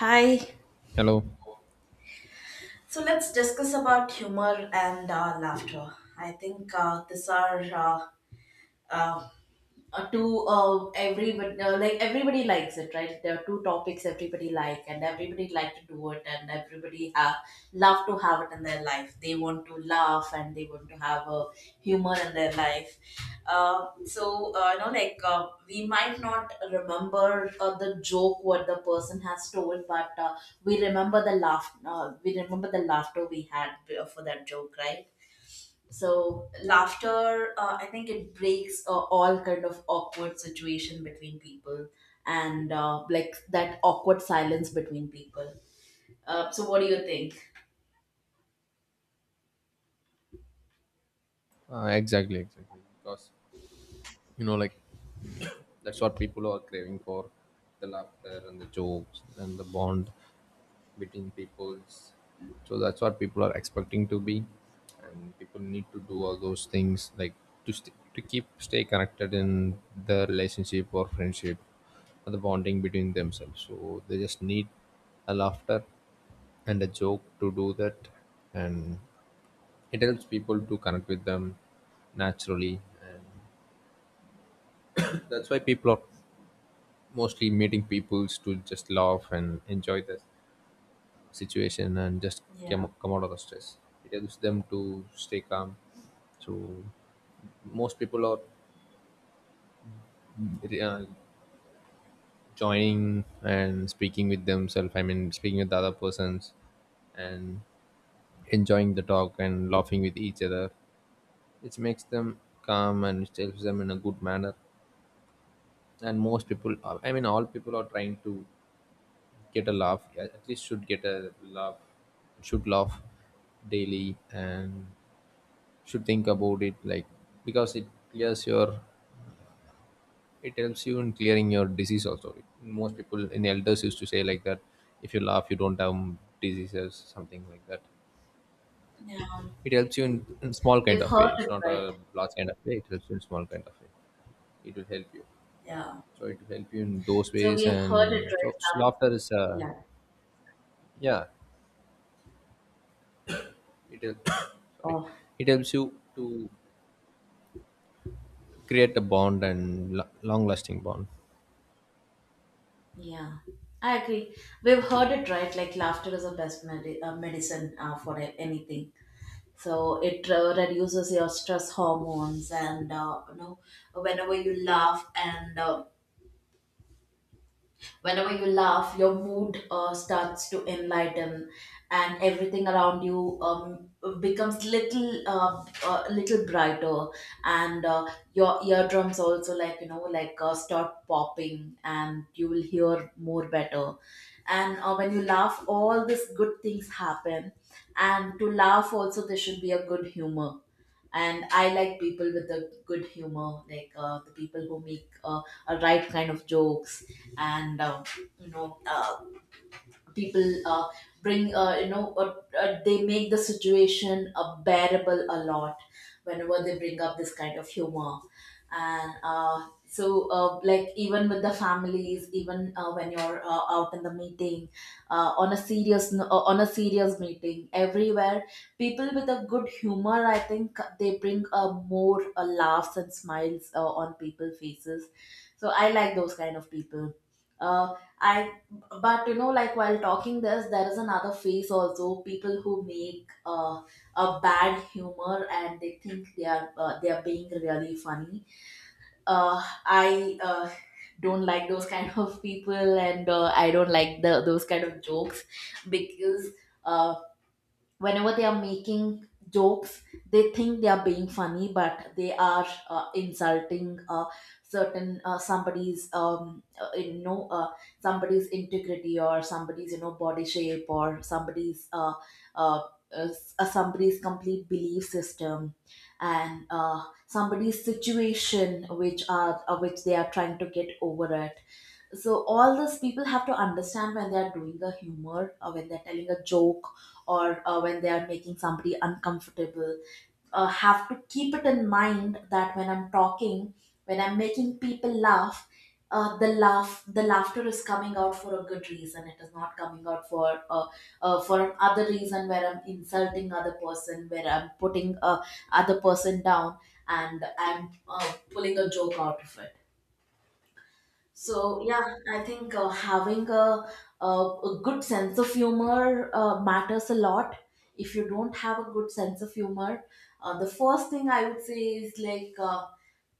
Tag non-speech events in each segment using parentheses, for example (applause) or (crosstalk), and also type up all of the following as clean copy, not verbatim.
Hi. Hello. So let's discuss about humor and laughter. I think these are uh, two everybody like everybody likes it, right? There are two topics everybody like and everybody like to do it, and everybody have love to have it in their life. They want to laugh and they want to have a humor in their life. So you know, like, we might not remember the joke what the person has told, but we remember the laugh, we remember the laughter we had for that joke, right? So laughter, I think it breaks all kind of awkward situation between people, and like that awkward silence between people. So what do you think? Exactly, exactly. Because you know, like that's what people are craving for: the laughter and the jokes and the bond between peoples. So that's what people are expecting to be, and people need to do all those things like to keep stay connected in the relationship or friendship or the bonding between themselves. So they just need a laughter and a joke to do that, and it helps people to connect with them naturally. And that's why people are mostly meeting peoples to just laugh and enjoy the situation, and just Yeah. come out of the stress. It helps them to stay calm. So most people are uh, joining and speaking with themselves. I mean, speaking with the other persons and enjoying the talk and laughing with each other. It makes them calm and it helps them in a good manner. And most people, are, I mean, all people are trying to get a laugh. Yeah, at least should get a laugh, should laugh daily, and should think about it, like, because it clears your, it helps you in clearing your disease also. Most people in elders used to say like that, if you laugh you don't have diseases, something like that. Yeah, It helps you in small kind we've of heard way, it's it, not right? a large kind of way, it helps you in small kind of way, it will help you. Yeah, So it will help you in those so ways, we have heard it and so, right so now. laughter is uh, Yeah. yeah, it help, (coughs) sorry, Oh. it helps you to create a bond and long lasting bond. Yeah, I agree. We've heard it, right? Like laughter is a best medicine for anything. So it reduces your stress hormones, and you know, whenever you laugh, and whenever you laugh, your mood starts to enlighten, and everything around you becomes little, little brighter, and your eardrums also, like, you know, like, start popping, and you will hear more better. And when you laugh, all these good things happen. And to laugh also, there should be a good humor. And I like people with a good humor, like the people who make a right kind of jokes, and you know, people bring, you know, they make the situation bearable a lot whenever they bring up this kind of humor. And like, even with the families, even when you're out in the meeting, on a serious meeting everywhere, people with a good humor, I think they bring more laughs and smiles on people faces. So I like those kind of people. Uh, I But, you know, like, while talking this, there is another face also: people who make a bad humor, and they think they are being really funny. I don't like those kind of people, and I don't like those kind of jokes, because uh, whenever they are making jokes, they think they are being funny, but they are insulting certain somebody's, you know, somebody's integrity, or somebody's, you know, body shape, or uh, somebody's complete belief system, and somebody's situation which are which they are trying to get over it. So all these people have to understand, when they are doing a humor, or when they're telling a joke, or when they are making somebody uncomfortable, have to keep it in mind that when I'm talking, when I'm making people laugh, the laughter is coming out for a good reason. It is not coming out for an other reason, where I'm insulting other person, where I'm putting other person down and I'm pulling a joke out of it. So yeah, I think having a good sense of humor matters a lot. If you don't have a good sense of humor, the first thing I would say is, like.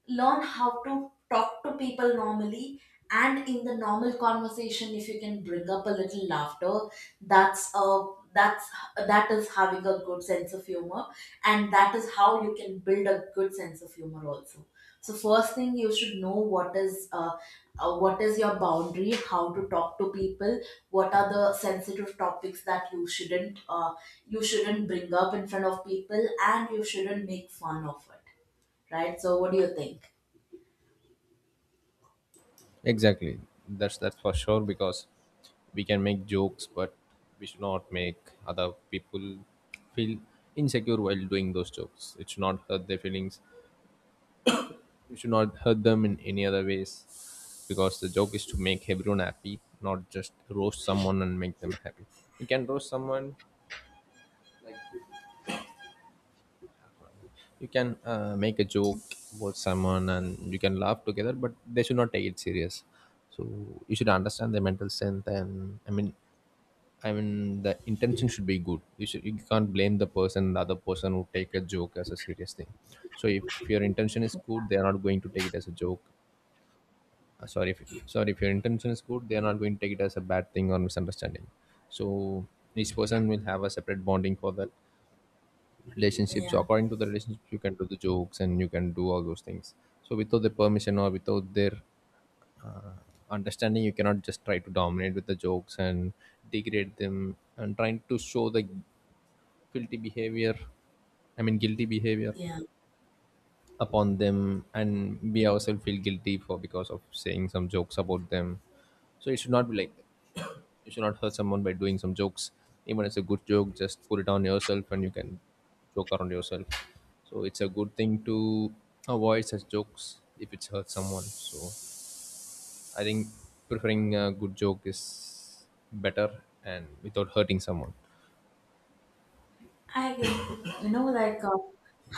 Learn how to talk to people normally, and in the normal conversation, if you can bring up a little laughter, that's a that's that is having a good sense of humor. And that is how you can build a good sense of humor also. So first thing, you should know, what is your boundary, how to talk to people, what are the sensitive topics that you shouldn't bring up in front of people, and you shouldn't make fun of it, right? So what do you think? Exactly, that's for sure, because we can make jokes, but we should not make other people feel insecure while doing those jokes. It should not hurt their feelings, we should not hurt them in any other ways, because the joke is to make everyone happy, not just roast someone and make them happy. You can roast someone, like, you can make a joke about someone and you can laugh together, but they should not take it serious. So you should understand the mental strength, and I mean the intention should be good. You should, you can't blame the person, the other person who take a joke as a serious thing. So if your intention is good, they are not going to take it as a joke. Sorry, if your intention is good, they are not going to take it as a bad thing or misunderstanding. So each person will have a separate bonding for that relationships. So Yeah, according to the relationship, you can do the jokes and you can do all those things. So without the permission or without their uh, understanding, you cannot just try to dominate with the jokes and degrade them and trying to show the guilty behavior. I mean, guilty behavior yeah, upon them, and we ourselves feel guilty for because of saying some jokes about them. So it should not be like that. You should not hurt someone by doing some jokes. Even it's a good joke, just put it on yourself and you can joke around yourself. So it's a good thing to avoid such jokes if it hurts someone. So I think preferring a good joke is better and without hurting someone. I agree. You know, like,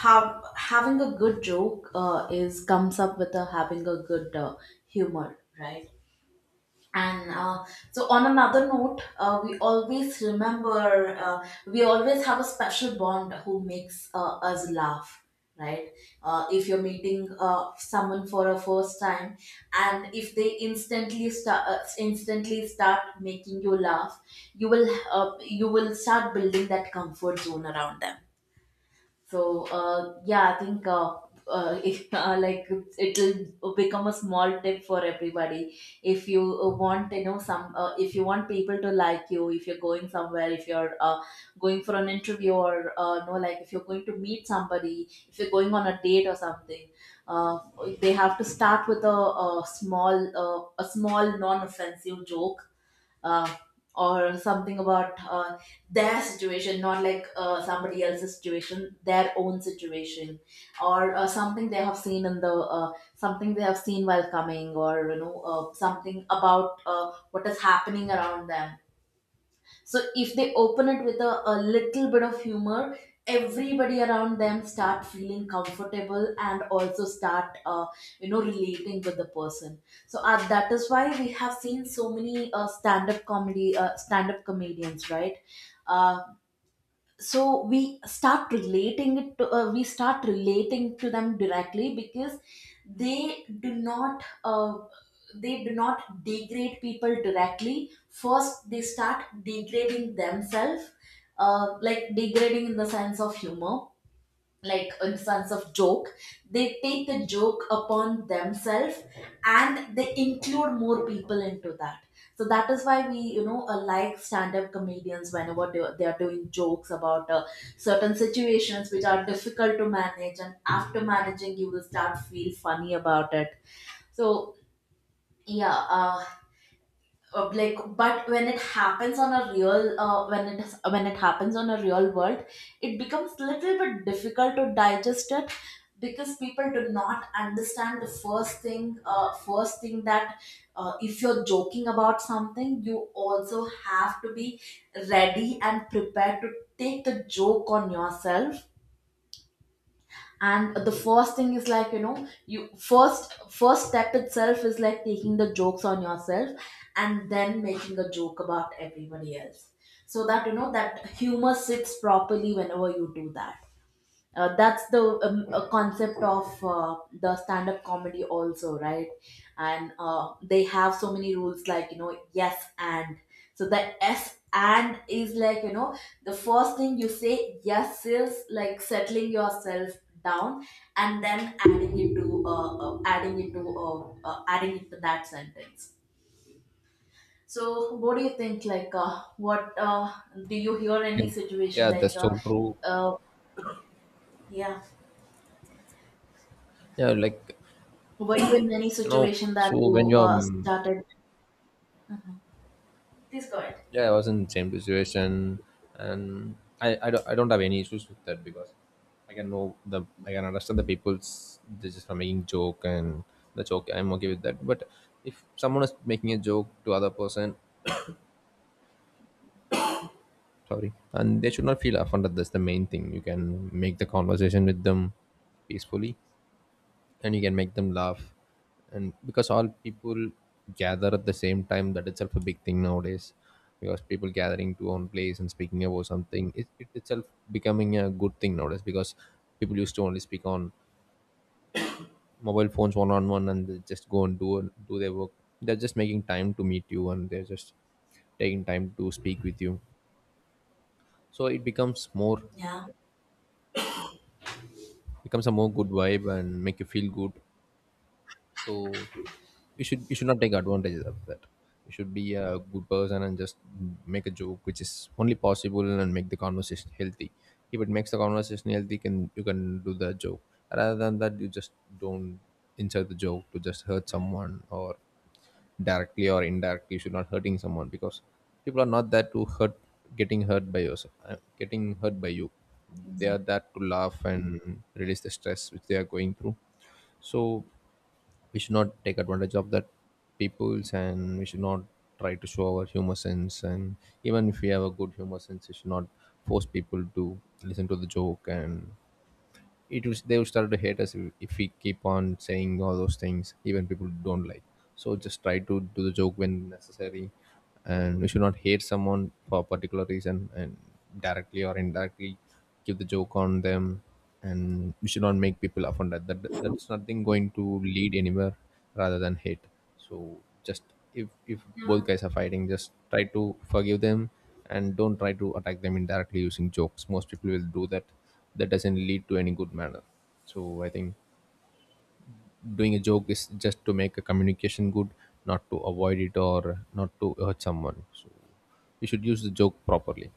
have having a good joke is comes up with a having a good humor, right? And so on another note, we always have a special bond who makes us laugh, right? If you're meeting someone for a first time, and if they instantly start making you laugh, you will start building that comfort zone around them. So yeah, I think, (laughs) if, like, it'll become a small tip for everybody. If you want, you know, some, if you want people to like you, if you're going somewhere, if you're going for an interview, or no, like, if you're going to meet somebody, if you're going on a date or something, uh, they have to start with a small, non-offensive joke, uh, or something about their situation — not, like, somebody else's situation, their own situation — or something they have seen while coming, or, you know, something about what is happening around them. So if they open it with a little bit of humor, everybody around them start feeling comfortable, and also start, you know, relating with the person. So that is why we have seen so many stand up comedians, right? Uh, so we start relating to them directly, because they do not uh, they do not degrade people directly. First they start degrading themselves, like, degrading in the sense of humor, like in sense of joke. They take the joke upon themselves, and they include more people into that. So that is why we, you know, like, stand up comedians, whenever they are doing jokes about certain situations which are difficult to manage, and after managing, you will start feel funny about it. So yeah, like, but when it happens on a real when it happens on a real world, it becomes little bit difficult to digest it, because people do not understand the first thing that, if you're joking about something, you also have to be ready and prepared to take the joke on yourself. And the first thing is, like, you know, you, first step itself is, like, taking the jokes on yourself, and then making a joke about everybody else, so that, you know, that humor sits properly whenever you do that. That's the concept of the stand-up comedy also, right? And they have so many rules, like, you know, yes and. So the s and is, like, you know, the first thing you say yes is, like, settling yourself down, and then adding it to that sentence. So what do you think, like, what do you hear Yeah, any situation, yeah, like, that's so true. uh, yeah. Yeah, like, Were you in any you know, situation that so when you you're started? Please go ahead. yeah, I was in the same situation, and I don't, I don't have any issues with that, because I can know the, I can understand the people's this is are making joke, and the joke I'm okay with that. But if someone is making a joke to other person, sorry, and they should not feel offended. That's the main thing. You can make the conversation with them peacefully, and you can make them laugh, and because all people gather at the same time, that itself a big thing nowadays, because people gathering to one place and speaking about something, it itself becoming a good thing nowadays, because people used to only speak on mobile phones one on one, and they just go and do their work. They're just making time to meet you, and they're just taking time to speak with you, so it becomes more, Yeah. becomes a more good vibe and make you feel good. So you should, you should not take advantages of that. You should be a good person and just make a joke which is only possible, and make the conversation healthy. If it makes the conversation healthy, can you can do the joke. Rather than that, you just don't insert the joke to just hurt someone, or directly or indirectly you should not hurting someone, because people are not there to hurt, getting hurt by yourself, getting hurt by you. They are there to laugh and release the stress which they are going through. So we should not take advantage of that peoples, and we should not try to show our humor sense, and even if we have a good humor sense, we should not force people to listen to the joke, and it was they will start to hate us if we keep on saying all those things even people don't like. So just try to do the joke when necessary, and we should not hate someone for a particular reason and directly or indirectly give the joke on them, and we should not make people offended, that that's nothing going to lead anywhere rather than hate. So just, if Yeah. both guys are fighting, just try to forgive them, and don't try to attack them indirectly using jokes, most people will do that. That doesn't lead to any good manner. So I think doing a joke is just to make a communication good, not to avoid it or not to hurt someone. So you should use the joke properly.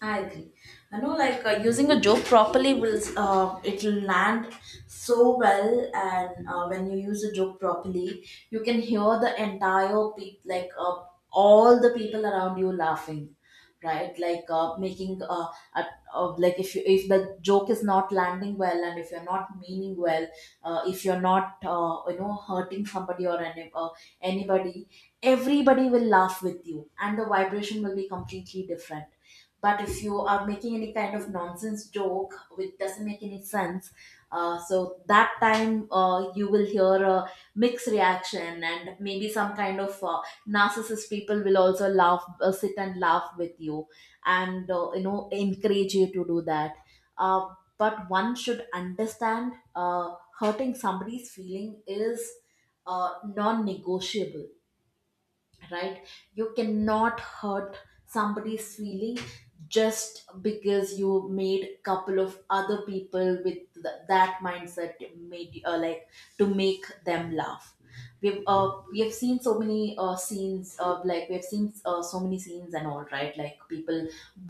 I agree. I know, like, using a joke properly will it'll land so well, and when you use a joke properly, you can hear the entire peop like, all the people around you laughing, right? Like, making a, like, if the joke is not landing well, and if you're not meaning well, if you're not, you know, hurting somebody or anybody, everybody will laugh with you, and the vibration will be completely different. But if you are making any kind of nonsense joke which doesn't make any sense, so that time, you will hear a mixed reaction, and maybe some kind of narcissist people will also laugh sit and laugh with you, and, you know, encourage you to do that. uh, but one should understand, hurting somebody's feeling is non-negotiable, right? You cannot hurt somebody's feeling just because you made a couple of other people with that mindset made like, to make them laugh. We have seen so many scenes of, like, we have seen so many scenes and all, right? Like, people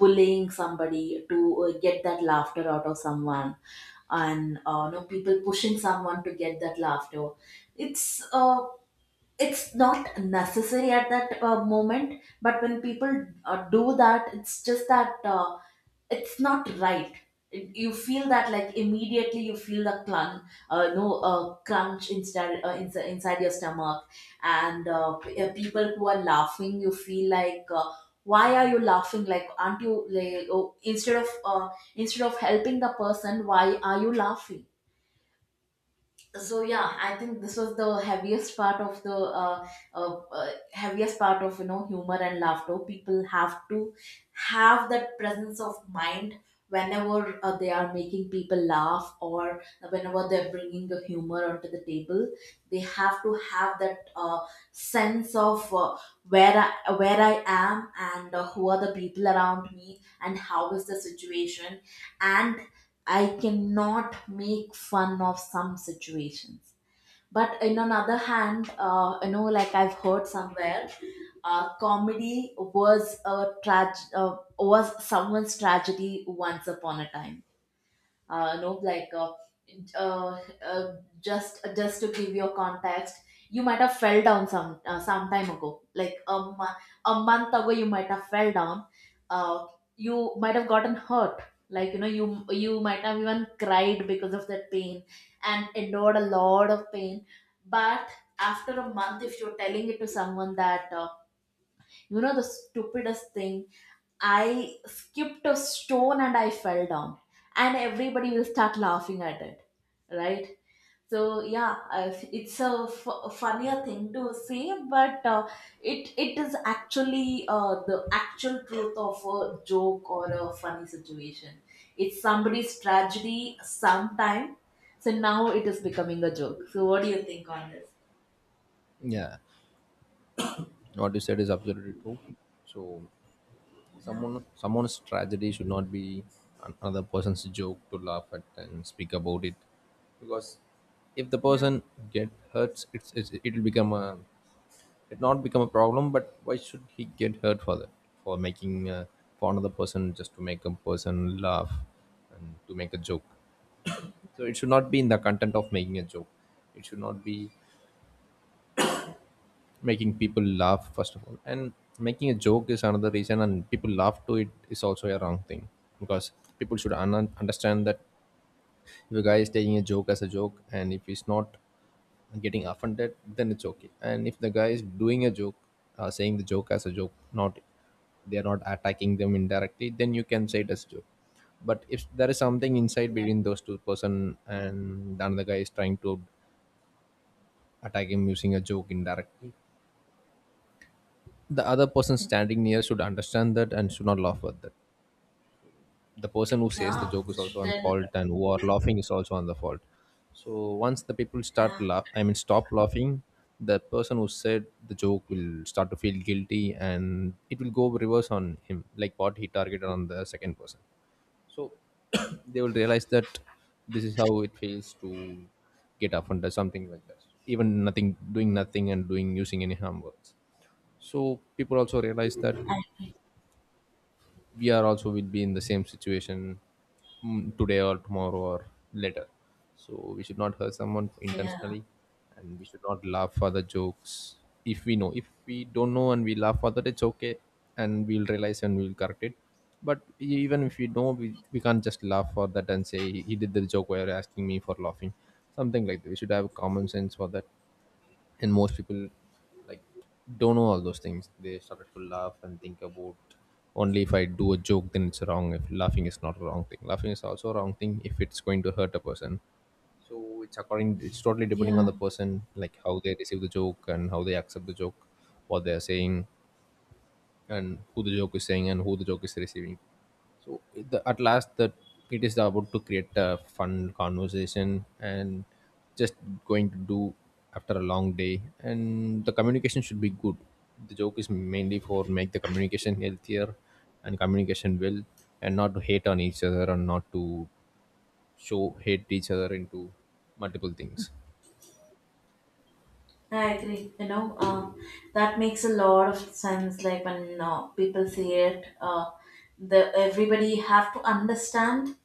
bullying somebody to get that laughter out of someone, and you know, people pushing someone to get that laughter. it's uh, it's not necessary at that moment, but when people do that, it's just that it's not right. You feel that, like, immediately you feel the clun no crunch inside, inside your stomach. And people who are laughing, you feel like, why are you laughing? Like, aren't you, like, oh, instead of helping the person, why are you laughing? So Yeah, I think this was the heaviest part of the heaviest part of humor and laughter. People have to have that presence of mind whenever they are making people laugh, or whenever they're bringing the humor onto the table. They have to have that sense of where where I am, and who are the people around me, and how is the situation. And I cannot make fun of some situations. But in another hand, like, I've heard somewhere comedy was was someone's tragedy once upon a time. No, like uh, uh, uh, just to give you a context, you might have fell down some time ago, like mo- a month ago. You might have fell down, uh, you might have gotten hurt, like you might have even cried because of that pain and endured a lot of pain. But after a month, if you're telling it to someone that the stupidest thing, I skipped a stone and I fell down, and everybody will start laughing at it, right? So yeah, it's a funnier thing to say, but it is actually the actual truth of a joke or a funny situation. It's somebody's tragedy sometime. So now it is becoming a joke. So what do you think on this? Yeah, what you said is absolutely true. So, someone's tragedy should not be another person's joke to laugh at and speak about it, because if the Yeah. person get hurts, it's it'll become a, it not become a problem. But why should he get hurt for the, for making for another person just to make a person laugh and to make a joke? So it should not be in the content of making a joke. It should not be making people laugh first of all, and making a joke is another reason, and people laugh to it is also a wrong thing. Because people should understand that if a guy is taking a joke as a joke and if he's not getting offended, then it's okay. And if the guy is doing a joke, saying the joke as a joke, not they are not attacking them indirectly, then you can say it as a joke. But if there is something inside Yeah. between those two person and the another guy is trying to attack him using a joke indirectly, the other person standing near should understand that and should not laugh at that. The person who says the Yeah, joke is this also should on tell. fault, and who are laughing is also on the fault. So once the people start Yeah. laugh, I mean stop laughing, the person who said the joke will start to feel guilty, and it will go reverse on him, like what he targeted on the second person. So (coughs) (clears throat) they will realize that this is how it feels to get offended, something like that. Even nothing, doing nothing and doing using any harm words. So people also realize that we are also will be in the same situation, mm, today or tomorrow or later. So we should not hurt someone Yeah, intentionally, and we should not laugh for the jokes. If we know, if we don't know and we laugh for that, it's okay, and we'll realize and we'll correct it. But even if we know, we can't just laugh for that and say he did the joke while asking me for laughing, something like that. We should have common sense for that. And most people, like, don't know all those things, they started to laugh and think about, only if I do a joke then it's wrong, if laughing is not a wrong thing, laughing is also a wrong thing if it's going to hurt a person. So it's according, it's totally depending on yeah. the person, like how they receive the joke and how they accept the joke, what they are saying, and who the joke is saying and who the joke is receiving. So it- the, at last, that it is about to create a fun conversation, and just going to do after a long day. And the communication should be good. The joke is mainly for make the communication healthier and communication well, and not to hate on each other and not to show hate each other into multiple things. I agree. That makes a lot of sense. Like, when people say it, the everybody have to understand.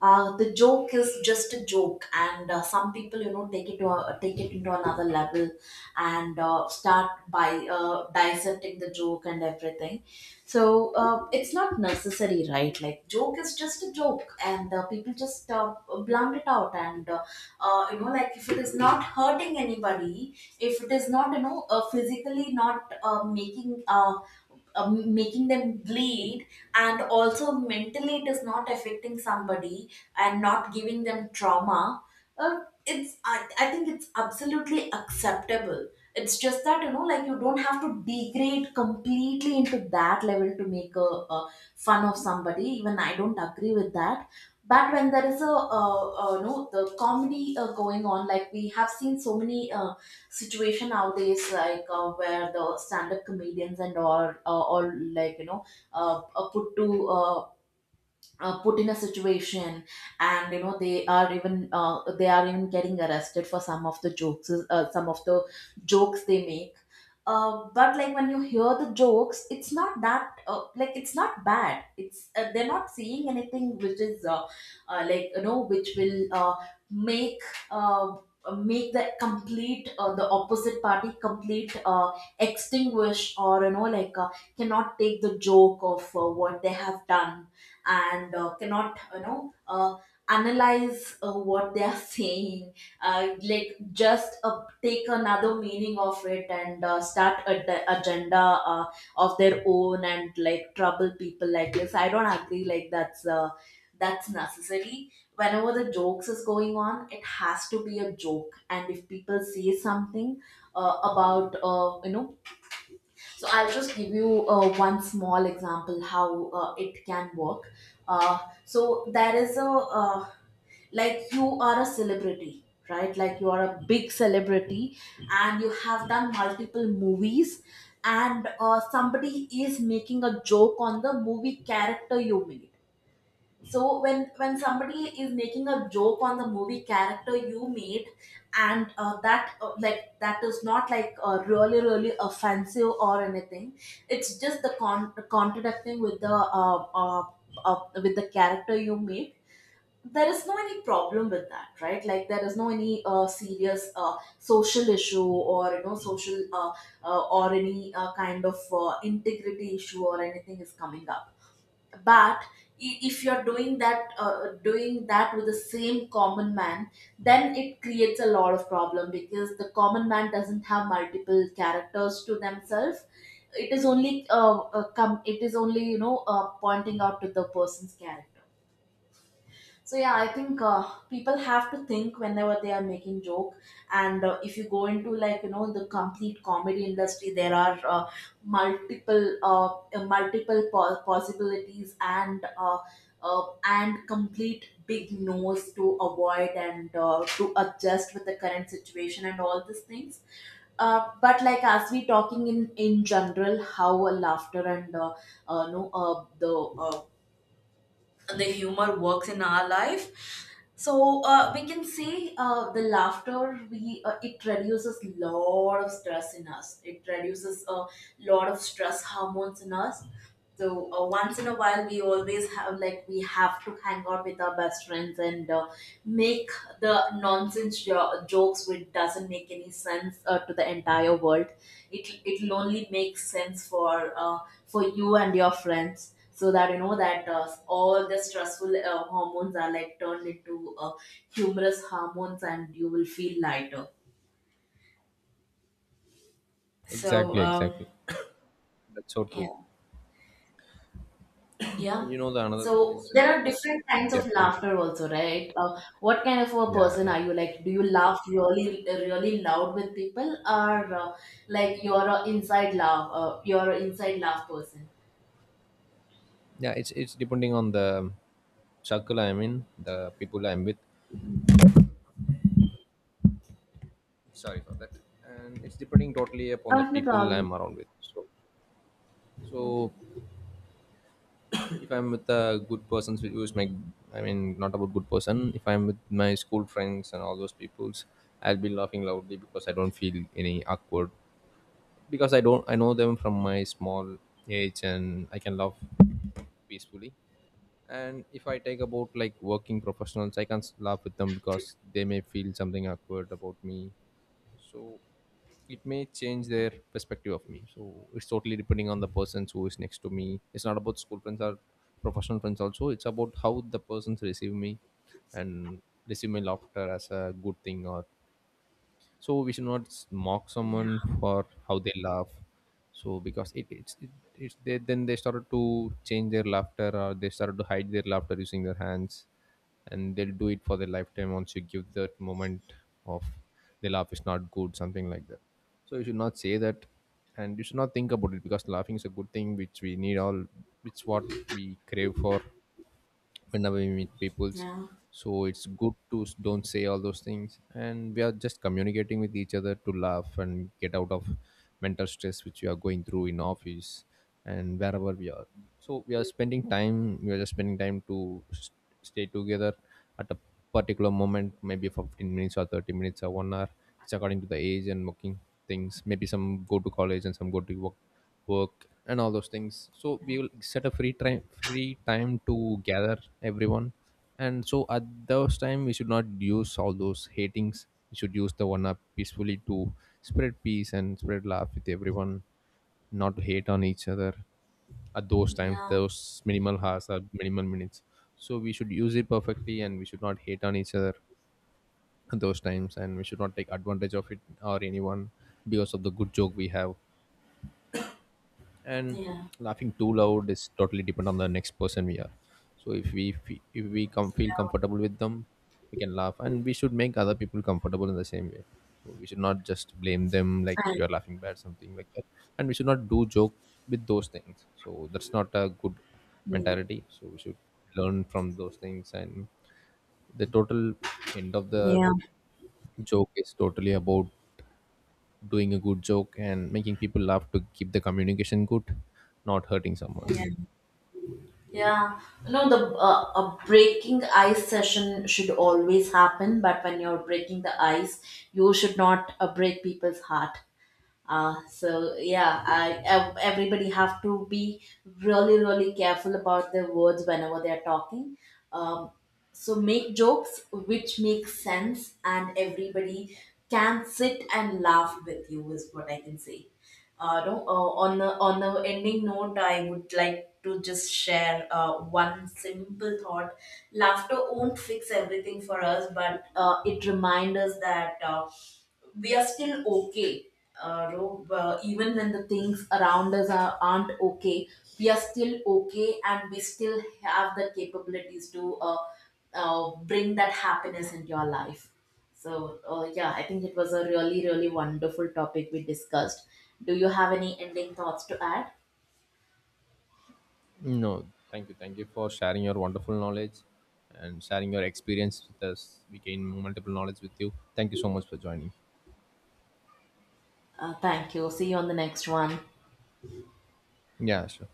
The joke is just a joke, and some people, take it to a, take it into another level, and start by dissecting the joke and everything. So it's not necessary, right? Like, joke is just a joke, and people just blunt it out, and like, if it is not hurting anybody, if it is not physically not making making them bleed, and also mentally it is not affecting somebody and not giving them trauma. uh, it's I think it's absolutely acceptable. It's just that, like, you don't have to degrade completely into that level to make a fun of somebody. Even I don't agree with that. But when there is a no the comedy going on, like we have seen so many situation nowadays, like where the stand-up comedians and all, like, put to put in a situation. And they are even getting arrested for some of the jokes, some of the jokes they make. But like, when you hear the jokes, it's not that like, it's not bad. It's they're not seeing anything which is which will make uh, make the complete the opposite party complete extinguish, or cannot take the joke of what they have done, and cannot analyze what they are (laughs) saying. Like, just take another meaning of it and start agenda of their own, and like trouble people like this. I don't agree like that's necessary. Whenever the jokes is going on, it has to be a joke. And if people say something about so I'll just give you one small example how it can work. Uh, so there is a uh, like, you are a celebrity, right? Like, you are a big celebrity, and you have done multiple movies, and somebody is making a joke on the movie character you made. So when somebody is making a joke on the movie character you made, and that like, that is not like really really offensive or anything. It's just the contradicting with the character you made. There is no any problem with that, right? Like, there is no any serious social issue, or social or any kind of integrity issue or anything is coming up. But if you're doing that, doing that with the same common man, then it creates a lot of problem, because the common man doesn't have multiple characters to themselves. It is only come it is only pointing out to the person's character. So yeah, I think people have to think whenever they are making joke. And if you go into, the complete comedy industry, there are multiple multiple possibilities and complete big no's to avoid, and to adjust with the current situation and all these things. But like, as we talking in general, how laughter and no the the humor works in our life. So we can see the laughter, we it reduces lot of stress in us. It reduces a lot of stress hormones in us. So once in a while, we always have like, we have to hang out with our best friends and make the nonsense jokes which doesn't make any sense to the entire world. It'll only make sense for you and your friends, so that you know that all the stressful hormones are like turned into humorous hormones, and you will feel lighter. So, Exactly, um, exactly. That's so true. yeah. Yeah. And you know the another thing So is like there are different kinds of they're doing. laughter also, right? What kind of a Yeah, person yeah. are you? Like, do you laugh really, really loud with people, or like, you're a inside laugh? You're an inside laugh person. Yeah, it's depending on the circle I'm in, the people I'm with. Sorry for that. And it's depending totally upon the Oh, no people problem. I'm around with. So if I'm with a good person who is my, I mean, not about good person, if I'm with my school friends and all those peoples, I'll be laughing loudly because I don't feel any awkward, because I don't, I know them from my small age and I can laugh peacefully. And if I take about like working professionals, I can't laugh with them because they may feel something awkward about me, so it may change their perspective of me. So it's totally depending on the person who is next to me. It's not about school friends or professional friends also, it's about how the persons receive me and receive my laughter as a good thing or. So we should not mock Yeah. someone for how they laugh. So because it's they, then they started to change their laughter or they started to hide their laughter using their hands, and they'll do it for their lifetime once you give that moment of the laugh is not good something like that. So you should not say that, and you should not think about it, because laughing is a good thing which we need all. It's what we crave for whenever we meet peoples. Yeah. So it's good to don't say all those things, and we are just communicating with each other to laugh and get out of mental stress which we are going through in office and wherever we are. So we are spending time, we are just spending time to stay together at a particular moment, maybe for 15 minutes or 30 minutes or one hour. It's according to the age and working things. Maybe some go to college and some go to work work and all those things, so we will set a free time, free time to gather everyone. And so at those time we should not use all those hatings, we should use the one up peacefully to spread peace and spread love with everyone, not to hate on each other at those times, Yeah. those minimal hours or minimal minutes. So we should use it perfectly and we should not hate on each other at those times, and we should not take advantage of it or anyone because of the good joke we have. And Yeah. laughing too loud is totally depend on the next person we are. So if we come feel Yeah. comfortable with them, we can laugh, and we should make other people comfortable in the same way. So we should not just blame them like I- you're laughing bad something like that, and we should not do joke with those things. So that's not a good Yeah. mentality. So we should learn from those things. And the total end of the Yeah. joke is totally about doing a good joke and making people laugh to keep the communication good, not hurting someone. Yeah. Yeah. No, the a breaking ice session should always happen, but when you're breaking the ice, you should not break people's heart. So yeah, everybody have to be really really careful about their words whenever they are talking. Um, so make jokes which make sense, and everybody can sit and laugh with you is what I can say. No, On the ending note, I would like to just share one simple thought. Laughter won't fix everything for us, but it reminds us that, we are still okay, Rob, even when the things around us aren't okay. We are still okay, and we still have the capabilities to bring that happiness into your life. So yeah, I think it was a really really wonderful topic we discussed. Do you have any ending thoughts to add? No, thank you. Thank you for sharing your wonderful knowledge and sharing your experience with us. We gain multiple knowledge with you. Thank you so much for joining. Thank you. See you on the next one. Yeah, sure.